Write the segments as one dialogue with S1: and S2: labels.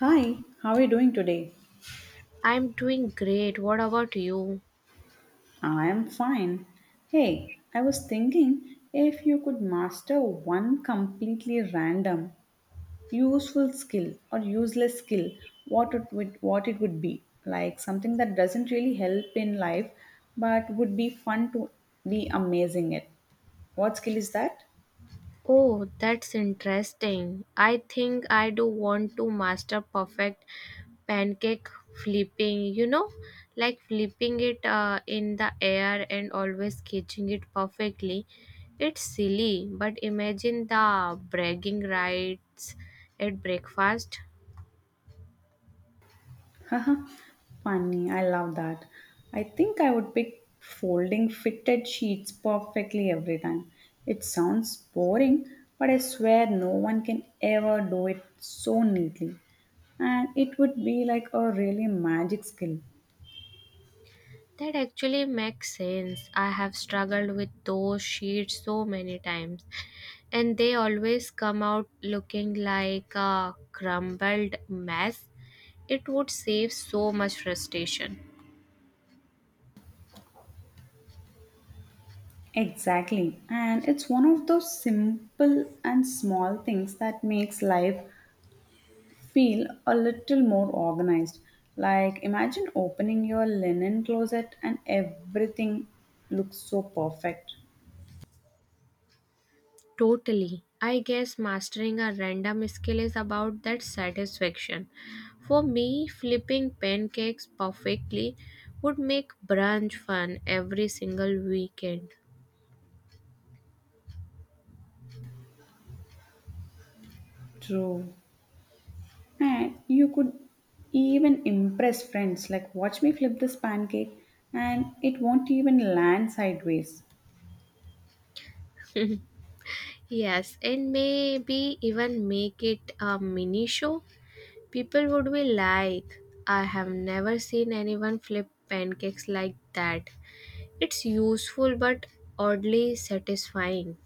S1: Hi, how are you doing today?
S2: I'm doing great. What about you?
S1: I am fine. Hey, I was thinking if you could master one completely random, useful skill or useless skill, what it would be? Like something that doesn't really help in life but would be fun to be amazing at. What skill is that?
S2: Oh, that's interesting. I think I do want to master perfect pancake flipping, you know, like flipping it in the air and always catching it perfectly. It's silly, but imagine the bragging rights at breakfast.
S1: Haha, funny, I love that. I think I would pick folding fitted sheets perfectly every time. It sounds boring, but I swear no one can ever do it so neatly. And it would be like a really magic skill.
S2: That actually makes sense. I have struggled with those sheets so many times, and they always come out looking like a crumbled mess. It would save so much frustration.
S1: Exactly. And it's one of those simple and small things that makes life feel a little more organized. Like, imagine opening your linen closet and everything looks so perfect.
S2: Totally. I guess mastering a random skill is about that satisfaction. For me, flipping pancakes perfectly would make brunch fun every single weekend.
S1: True. And you could even impress friends, like, watch me flip this pancake and it won't even land sideways.
S2: Yes, and maybe even make it a mini show. People would be like, I have never seen anyone flip pancakes like that. It's useful but oddly satisfying.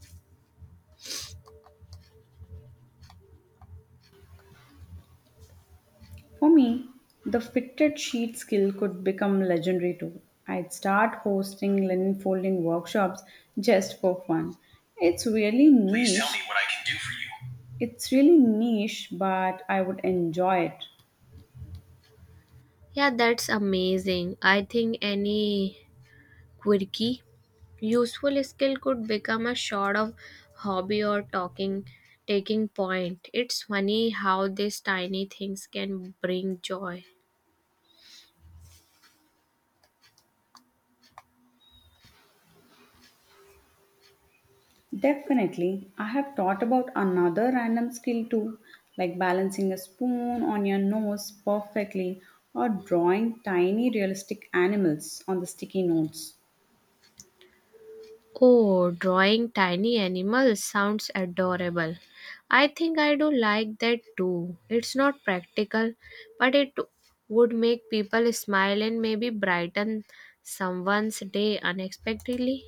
S1: For me, the fitted sheet skill could become legendary too. I'd start hosting linen folding workshops just for fun. It's really please niche. Tell me niche. What I can do for you. It's really niche, but I would enjoy it.
S2: Yeah, that's amazing. I think any quirky, useful skill could become a sort of hobby or talking taking point. It's funny how these tiny things can bring joy.
S1: Definitely, I have thought about another random skill too, like balancing a spoon on your nose perfectly or drawing tiny realistic animals on the sticky notes.
S2: Oh, drawing tiny animals sounds adorable. I think I do like that too. It's not practical, but it would make people smile and maybe brighten someone's day unexpectedly.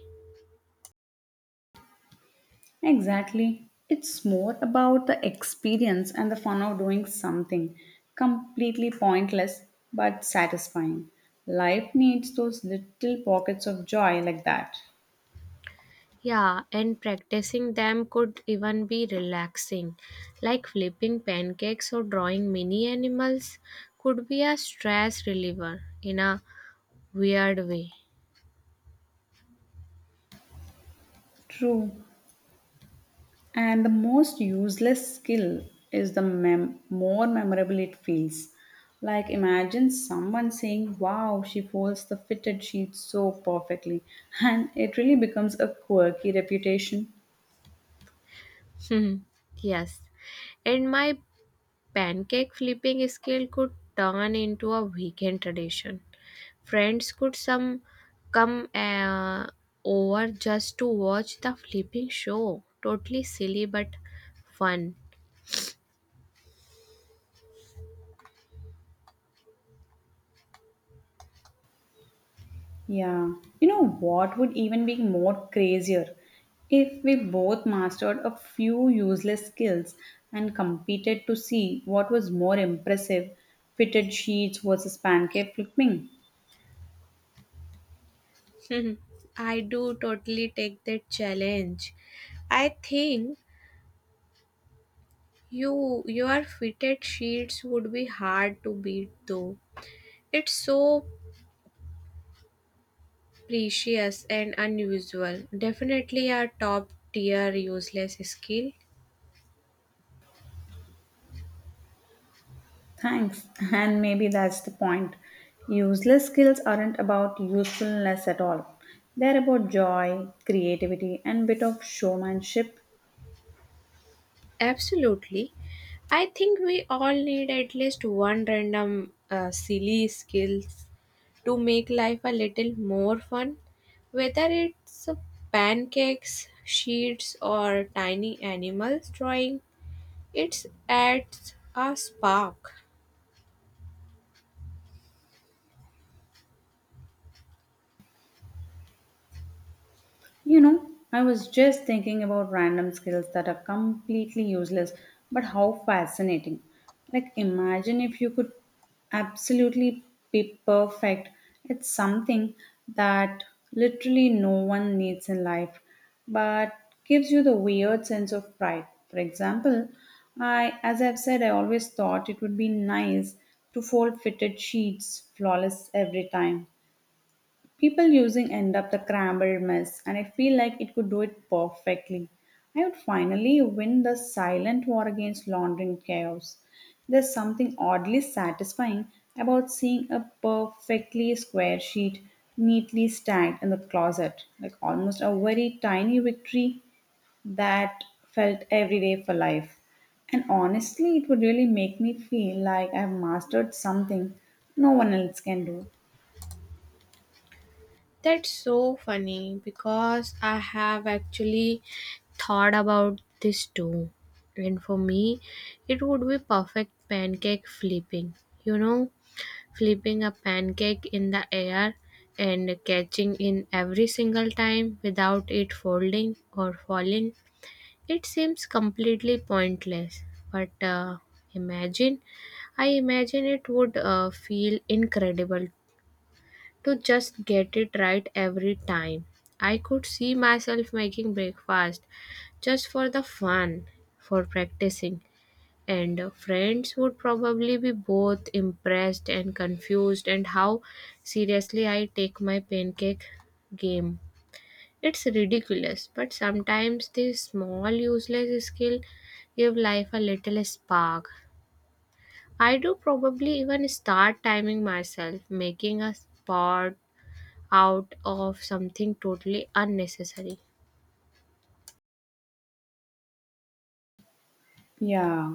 S1: Exactly. It's more about the experience and the fun of doing something completely pointless but satisfying. Life needs those little pockets of joy like that.
S2: Yeah, and practicing them could even be relaxing, like flipping pancakes or drawing mini animals could be a stress reliever in a weird way.
S1: True. And the most useless skill is the more memorable it feels. Like imagine someone saying, "Wow, she folds the fitted sheet so perfectly." And it really becomes a quirky reputation.
S2: Yes. And my pancake flipping skill could turn into a weekend tradition. Friends could some come over just to watch the flipping show. Totally silly but fun.
S1: Yeah. You know what would even be more crazier? If we both mastered a few useless skills and competed to see what was more impressive, fitted sheets versus pancake flipping.
S2: Hmm, I do totally take that challenge. I think your fitted sheets would be hard to beat though. It's so precious and unusual. Definitely a top tier useless skill.
S1: Thanks. And maybe that's the point. Useless skills aren't about usefulness at all. They're about joy, creativity, and bit of showmanship.
S2: Absolutely. I think we all need at least one random silly skills to make life a little more fun, whether it's pancakes, sheets, or tiny animals drawing. It adds a spark.
S1: You know, I was just thinking about random skills that are completely useless, but how fascinating. Like, imagine if you could absolutely be perfect. It's something that literally no one needs in life, but gives you the weird sense of pride. For example, I, as I've said, I always thought it would be nice to fold fitted sheets flawless every time. People using end up the crumbled mess, and I feel like it could do it perfectly. I would finally win the silent war against laundering chaos. There's something oddly satisfying about seeing a perfectly square sheet neatly stacked in the closet, like almost a very tiny victory that felt every day for life. And honestly, it would really make me feel like I've mastered something no one else can do.
S2: That's so funny because I have actually thought about this too. And for me, it would be perfect pancake flipping. You know, flipping a pancake in the air and catching in every single time without it folding or falling. It seems completely pointless, but imagine imagine it would feel incredible to just get it right every time. I could see myself making breakfast just for the fun, for practicing, and friends would probably be both impressed and confused and how seriously I take my pancake game. It's ridiculous, but sometimes this small useless skill give life a little spark. I do probably even start timing myself, making a spot out of something totally unnecessary.
S1: Yeah,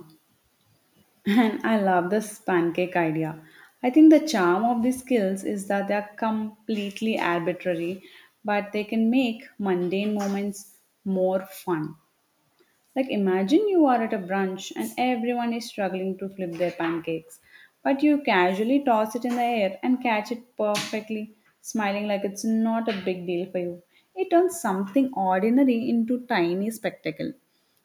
S1: and I love this pancake idea. I think the charm of these skills is that they are completely arbitrary, but they can make mundane moments more fun. Like, imagine you are at a brunch and everyone is struggling to flip their pancakes, but you casually toss it in the air and catch it perfectly, smiling like it's not a big deal for you. It turns something ordinary into tiny spectacle,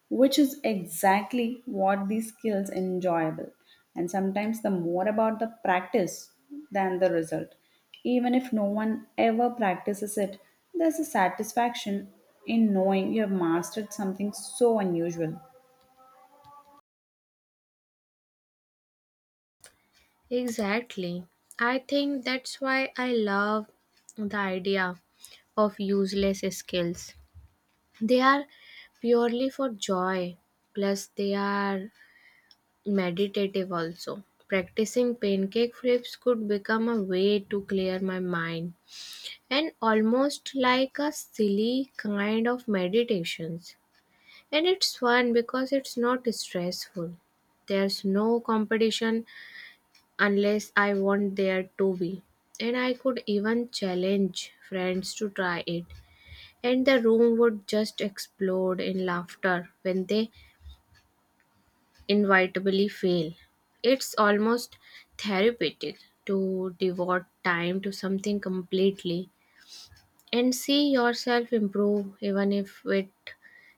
S1: which is exactly what these skills enjoyable. And sometimes the more about the practice than the result. Even if no one ever practices it, there's a satisfaction in knowing you have mastered something so unusual.
S2: Exactly. I think that's why I love the idea of useless skills. They are purely for joy. Plus, they are meditative also. Practicing pancake flips could become a way to clear my mind and almost like a silly kind of meditations. And it's fun because it's not stressful. There's no competition unless I want there to be. And I could even challenge friends to try it. And the room would just explode in laughter when they inevitably fail. It's almost therapeutic to devote time to something completely and see yourself improve, even if it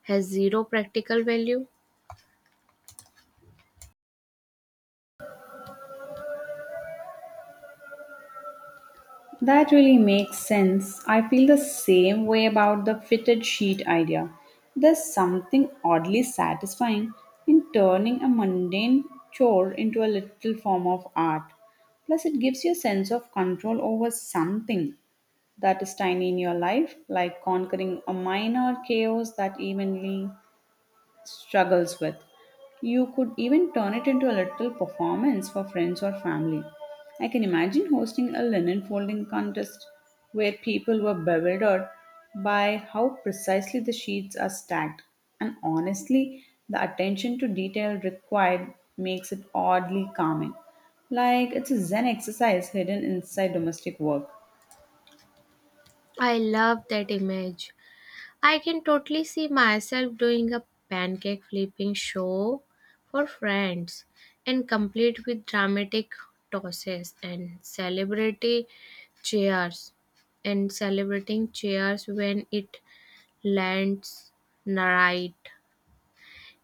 S2: has zero practical value.
S1: That really makes sense. I feel the same way about the fitted sheet idea. There's something oddly satisfying in turning a mundane chore into a little form of art. Plus, it gives you a sense of control over something that is tiny in your life, like conquering a minor chaos that evenly struggles with. You could even turn it into a little performance for friends or family. I can imagine hosting a linen folding contest where people were bewildered by how precisely the sheets are stacked. And honestly, the attention to detail required makes it oddly calming. Like it's a Zen exercise hidden inside domestic work.
S2: I love that image. I can totally see myself doing a pancake flipping show for friends and complete with dramatic tosses and celebrity cheers and celebrating cheers when it lands right.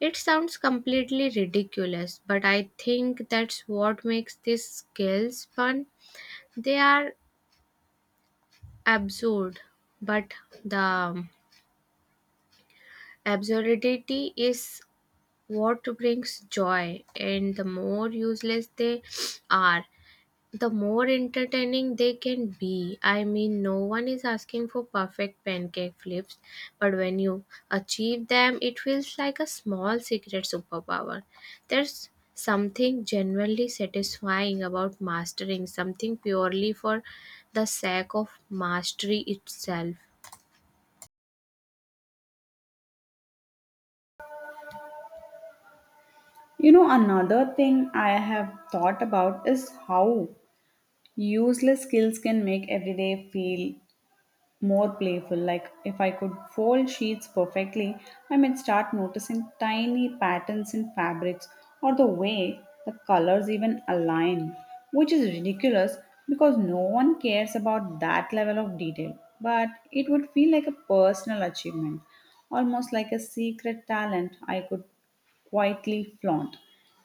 S2: It sounds completely ridiculous, but I think that's what makes these skills fun. They are absurd, but the absurdity is what brings joy, and the more useless they are, the more entertaining they can be. I mean, no one is asking for perfect pancake flips, but when you achieve them, it feels like a small secret superpower. There's something genuinely satisfying about mastering something purely for the sake of mastery itself.
S1: You know, another thing I have thought about is how useless skills can make everyday feel more playful. Like if I could fold sheets perfectly, I might start noticing tiny patterns in fabrics or the way the colors even align, which is ridiculous because no one cares about that level of detail. But it would feel like a personal achievement, almost like a secret talent I could quietly flaunt.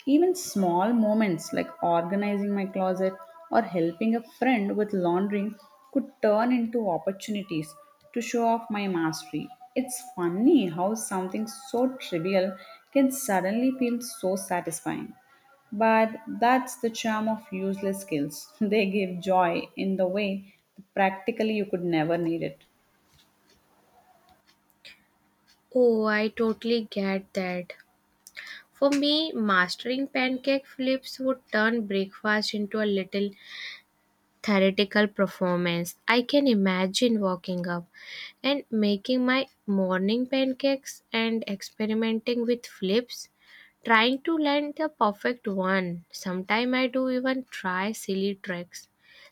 S1: Even small moments like organizing my closet or helping a friend with laundry could turn into opportunities to show off my mastery. It's funny how something so trivial can suddenly feel so satisfying. But that's the charm of useless skills. They give joy in the way that practically you could never need it.
S2: Oh, I totally get that. For me, mastering pancake flips would turn breakfast into a little theoretical performance. I can imagine walking up and making my morning pancakes and experimenting with flips, trying to land the perfect one. Sometimes I do even try silly tricks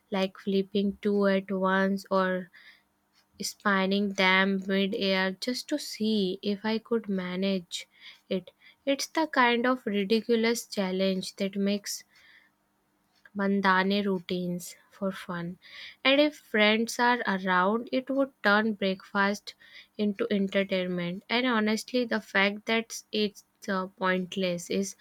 S2: like flipping two at once or spanning them mid-air just to see if I could manage it. It's the kind of ridiculous challenge that makes bandhane routines for fun. And if friends are around, it would turn breakfast into entertainment. And honestly, the fact that it's pointless is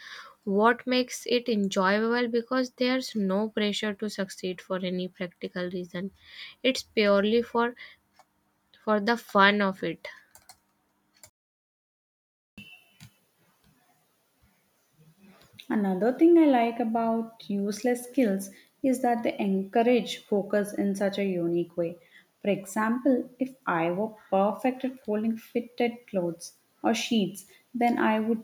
S2: what makes it enjoyable because there's no pressure to succeed for any practical reason. It's purely for the fun of it.
S1: Another thing I like about useless skills is that they encourage focus in such a unique way. For example, if I were perfect at folding fitted clothes or sheets, then I would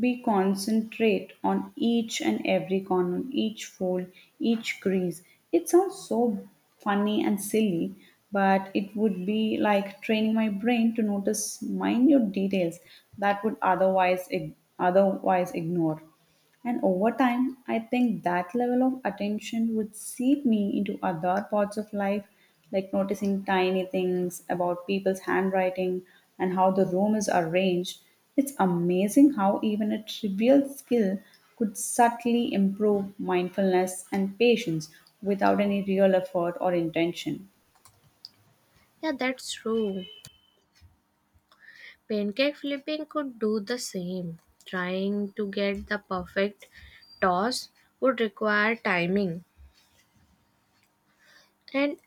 S1: be concentrate on each and every corner, each fold, each crease. It sounds so funny and silly, but it would be like training my brain to notice minute details that would otherwise ignore. And over time, I think that level of attention would seep me into other parts of life, like noticing tiny things about people's handwriting and how the room is arranged. It's amazing how even a trivial skill could subtly improve mindfulness and patience without any real effort or intention.
S2: Yeah, that's true. Pancake flipping could do the same. Trying to get the perfect toss would require timing and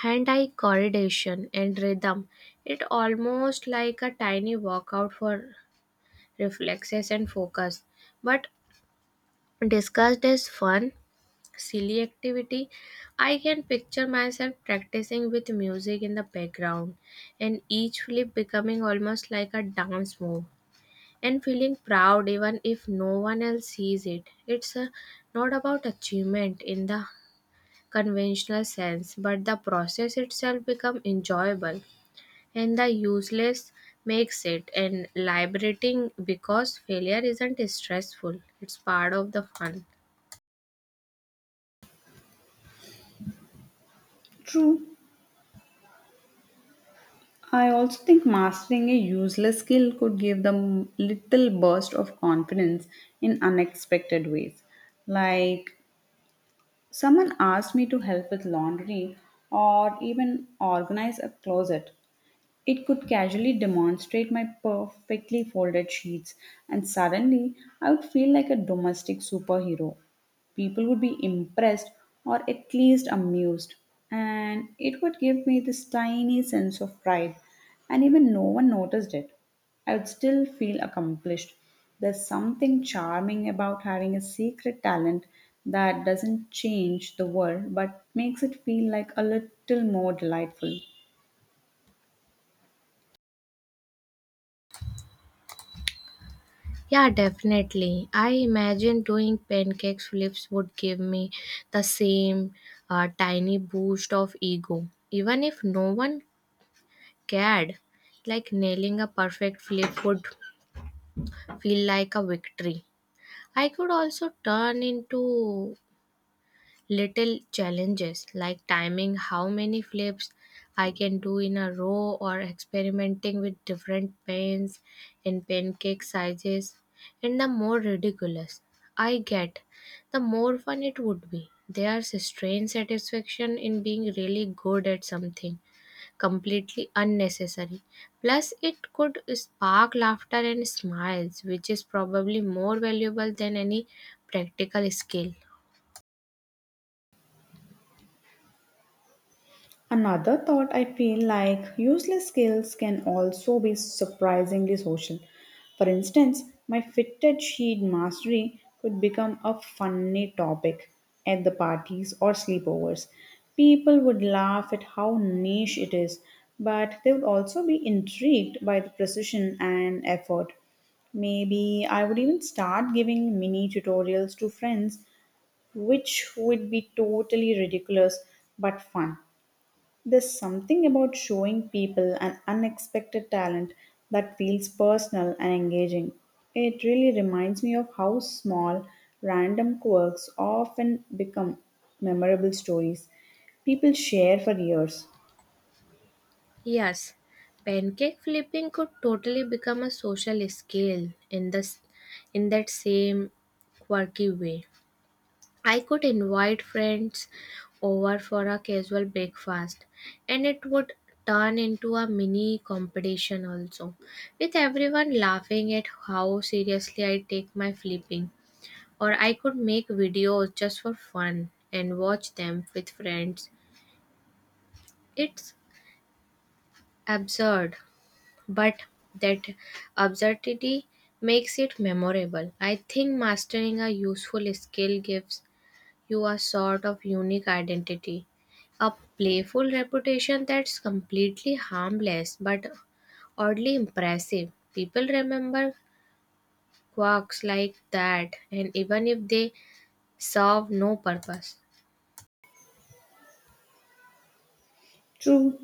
S2: hand eye coordination and rhythm. It almost like a tiny workout for reflexes and focus. But discussed as fun, silly activity. I can picture myself practicing with music in the background and each flip becoming almost like a dance move and feeling proud even if no one else sees it. It's not about achievement in the conventional sense, but the process itself become enjoyable and the useless makes it and liberating because failure isn't stressful. It's part of the fun.
S1: True, I also think mastering a useless skill could give them little burst of confidence in unexpected ways. Like someone asked me to help with laundry or even organize a closet, it could casually demonstrate my perfectly folded sheets, and suddenly I would feel like a domestic superhero. People would be impressed or at least amused, and it would give me this tiny sense of pride, and even no one noticed it. I would still feel accomplished. There's something charming about having a secret talent that doesn't change the world but makes it feel like a little more delightful.
S2: Yeah, definitely. I imagine doing pancake flips would give me the same tiny boost of ego, even if no one cared. Like nailing a perfect flip would feel like a victory. I could also turn into little challenges like timing how many flips I can do in a row or experimenting with different pens and pancake sizes. And the more ridiculous I get, the more fun it would be. There's a strange satisfaction in being really good at something completely unnecessary. Plus, it could spark laughter and smiles, which is probably more valuable than any practical skill.
S1: Another thought, I feel like useless skills can also be surprisingly social. For instance, my fitted sheet mastery could become a funny topic at the parties or sleepovers. People would laugh at how niche it is, but they would also be intrigued by the precision and effort. Maybe I would even start giving mini tutorials to friends, which would be totally ridiculous but fun. There's something about showing people an unexpected talent that feels personal and engaging. It really reminds me of how small, random quirks often become memorable stories people share for years.
S2: Yes, pancake flipping could totally become a social skill in that same quirky way. I could invite friends over for a casual breakfast and it would turn into a mini competition also with everyone laughing at how seriously I take my flipping, or I could make videos just for fun and watch them with friends. It's absurd, but that absurdity makes it memorable. I think mastering a useful skill gives you a sort of unique identity, a playful reputation that's completely harmless but oddly impressive. People remember quirks like that, and even if they serve no purpose.
S1: True.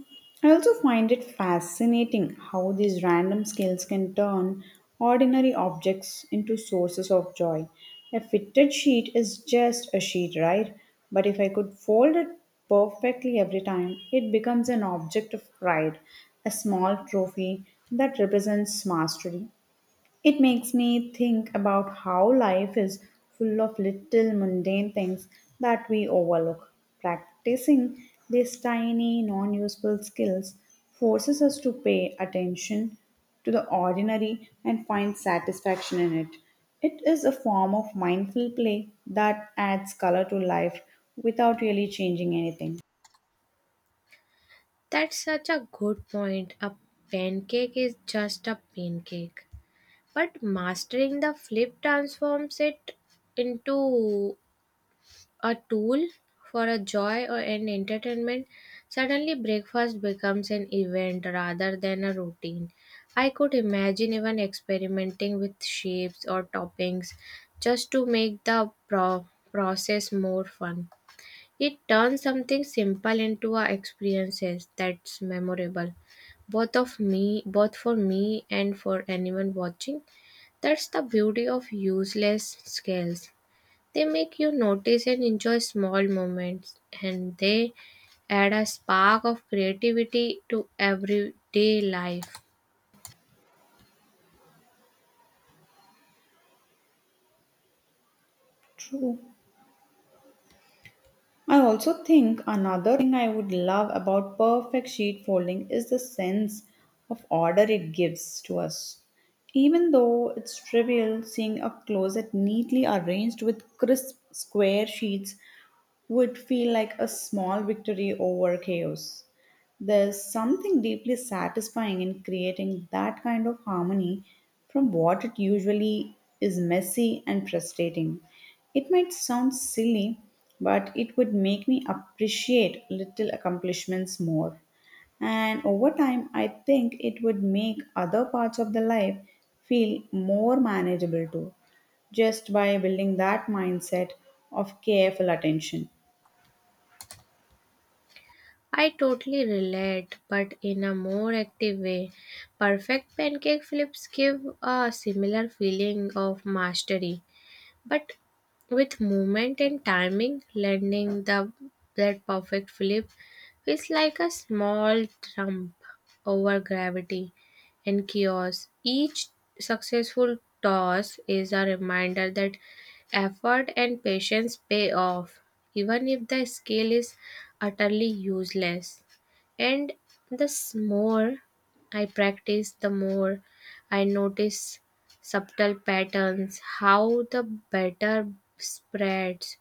S1: I also find it fascinating how these random skills can turn ordinary objects into sources of joy. A fitted sheet is just a sheet, right? But if I could fold it perfectly every time, it becomes an object of pride, a small trophy that represents mastery. It makes me think about how life is full of little mundane things that we overlook. Practicing these tiny, non useful skills forces us to pay attention to the ordinary and find satisfaction in it. It is a form of mindful play that adds color to life without really changing anything.
S2: That's such a good point. A pancake is just a pancake. But mastering the flip transforms it into a tool for a joy or an entertainment. Suddenly, breakfast becomes an event rather than a routine. I could imagine even experimenting with shapes or toppings just to make the process more fun. It turns something simple into a experiences that's memorable, both for me and for anyone watching. That's the beauty of useless skills. They make you notice and enjoy small moments, and they add a spark of creativity to everyday life.
S1: True. I also think another thing I would love about perfect sheet folding is the sense of order it gives to us. Even though it's trivial, seeing a closet neatly arranged with crisp square sheets would feel like a small victory over chaos. There's something deeply satisfying in creating that kind of harmony from what it usually is messy and frustrating. It might sound silly, but it would make me appreciate little accomplishments more. And over time, I think it would make other parts of the life feel more manageable too, just by building that mindset of careful attention.
S2: I totally relate, but in a more active way. Perfect pancake flips give a similar feeling of mastery, but with movement and timing landing the that perfect flip feels like a small jump over gravity and chaos. Each successful toss is a reminder that effort and patience pay off, even if the skill is utterly useless. And the more I practice, the more I notice subtle patterns, how the batter spreads,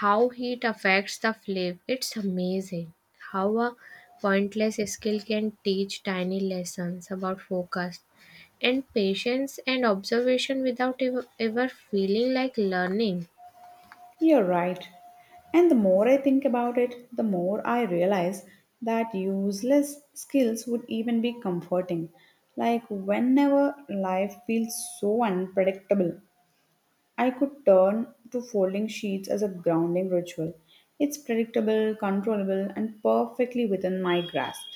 S2: how heat affects the flavor. It's amazing how a pointless skill can teach tiny lessons about focus and patience and observation without ever feeling like learning.
S1: You're right. And the more I think about it, the more I realize that useless skills would even be comforting. Like whenever life feels so unpredictable, I could turn to folding sheets as a grounding ritual. It's predictable, controllable, and perfectly within my grasp.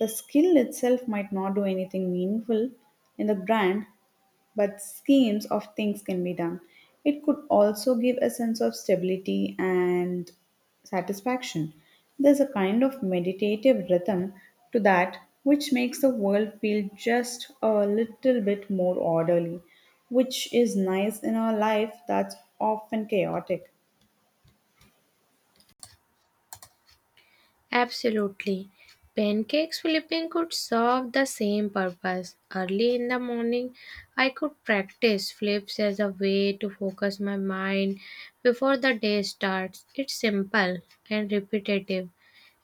S1: The skill itself might not do anything meaningful in the grand, but schemes of things can be done. It could also give a sense of stability and satisfaction. There's a kind of meditative rhythm to that which makes the world feel just a little bit more orderly, which is nice in a life that's often chaotic.
S2: Absolutely. Pancakes flipping could serve the same purpose. Early in the morning, I could practice flips as a way to focus my mind before the day starts. It's simple and repetitive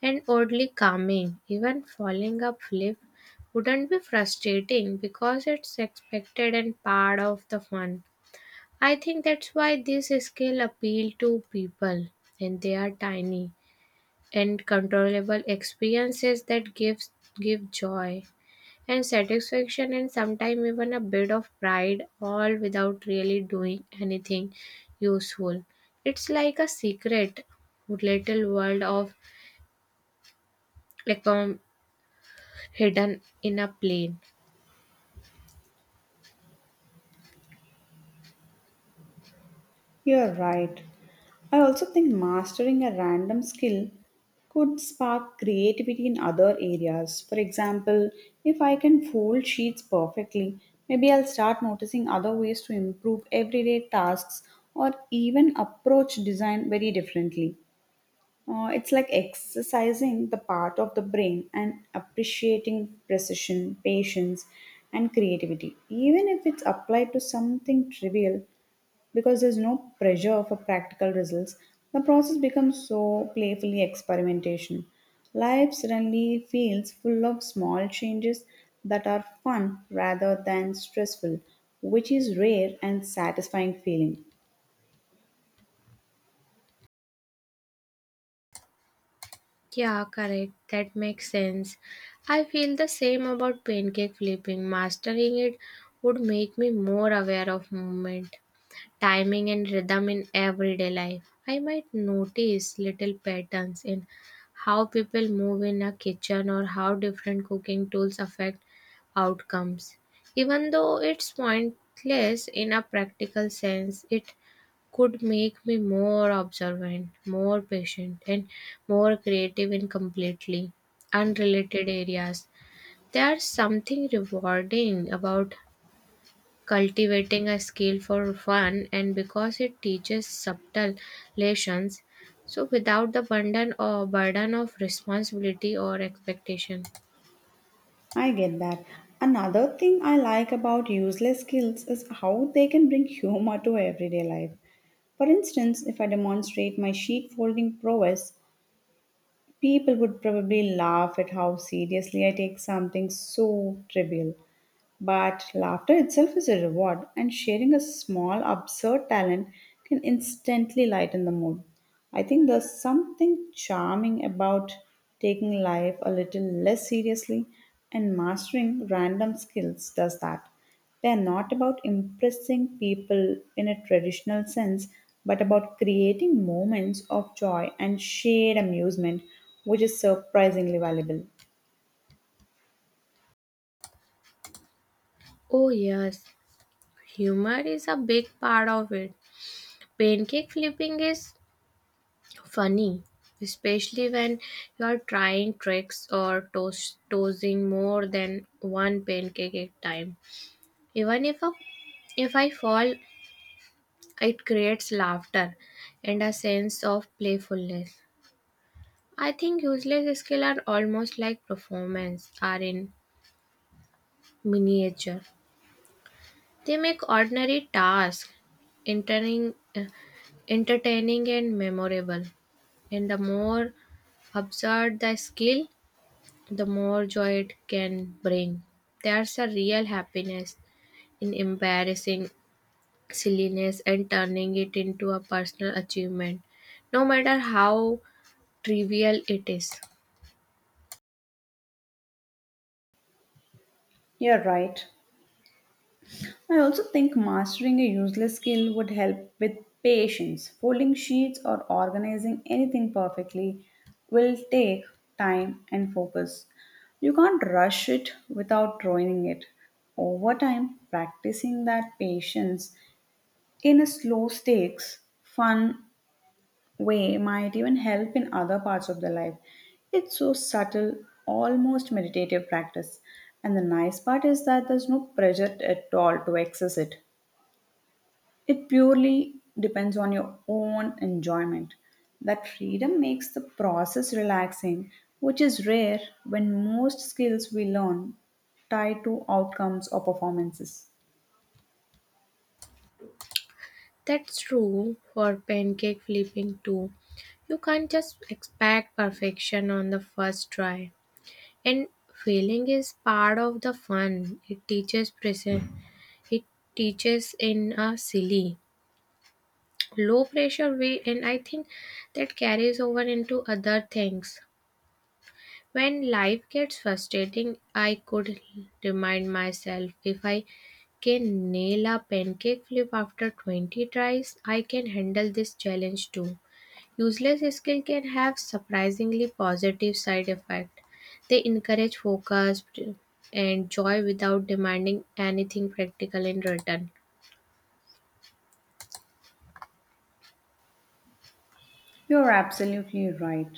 S2: and oddly calming. Even falling a flip wouldn't be frustrating because it's expected and part of the fun. I think that's why this skill appeal to people, and they are tiny and controllable experiences that give joy and satisfaction and sometimes even a bit of pride, all without really doing anything useful. It's like a secret little world of accom hidden in a plane.
S1: You're right. I also think mastering a random skill could spark creativity in other areas. For example, if I can fold sheets perfectly, maybe I'll start noticing other ways to improve everyday tasks or even approach design very differently. It's like exercising the part of the brain and appreciating precision, patience, and creativity. Even if it's applied to something trivial, because there's no pressure for practical results, the process becomes so playfully experimentation. Life suddenly feels full of small changes that are fun rather than stressful, which is rare and satisfying feeling.
S2: Yeah, correct, that makes sense. I feel the same about pancake flipping. Mastering it would make me more aware of movement, timing, and rhythm in everyday life. I might notice little patterns in how people move in a kitchen or how different cooking tools affect outcomes. Even though it's pointless in a practical sense, it could make me more observant, more patient, and more creative in completely unrelated areas. There's something rewarding about cultivating a skill for fun, and because it teaches subtle lessons so without the burden or burden of responsibility or expectation.
S1: I get that. Another thing I like about useless skills is how they can bring humor to everyday life. For instance, if I demonstrate my sheet folding prowess, people would probably laugh at how seriously I take something so trivial. But laughter itself is a reward, and sharing a small, absurd talent can instantly lighten the mood. I think there's something charming about taking life a little less seriously, and mastering random skills does that. They are not about impressing people in a traditional sense, but about creating moments of joy and shared amusement, which is surprisingly valuable.
S2: Oh yes, humor is a big part of it. Pancake flipping is funny, especially when you are trying tricks or tossing more than one pancake at a time, even if a if I fall. It creates laughter and a sense of playfulness. I think useless skills are almost like performance are in miniature. They make ordinary tasks entertaining, uh, entertaining and memorable. And the more absurd the skill, the more joy it can bring. There's a real happiness in embarrassing silliness and turning it into a personal achievement, no matter how trivial it is.
S1: You're right. I also think mastering a useless skill would help with patience. Folding sheets or organizing anything perfectly will take time and focus. You can't rush it without ruining it. Over time, practicing that patience in a slow stakes, fun way might even help in other parts of the life. It's so subtle, almost meditative practice. And the nice part is that there's no pressure at all to access it. It purely depends on your own enjoyment. That freedom makes the process relaxing, which is rare when most skills we learn tie to outcomes or performances.
S2: That's true for pancake flipping too. You can't just expect perfection on the first try. And failing is part of the fun. It teaches present. It teaches in a silly, low pressure way, and I think that carries over into other things. When life gets frustrating, I could remind myself if I can nail a pancake flip after 20 tries, I can handle this challenge too. Useless skill can have surprisingly positive side effect. They encourage focus and joy without demanding anything practical in return.
S1: You're absolutely right.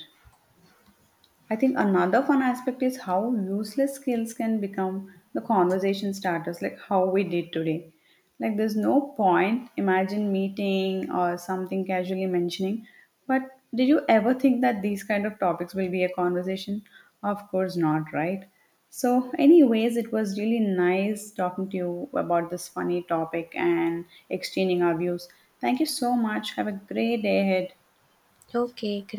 S1: I think another fun aspect is how useless skills can become the conversation starters, like how we did today. Like, there's no point, imagine meeting or something casually mentioning, but did you ever think that these kind of topics will be a conversation? Of course not, right? So, anyways, it was really nice talking to you about this funny topic and exchanging our views. Thank you so much. Have a great day ahead.
S2: Okay, great.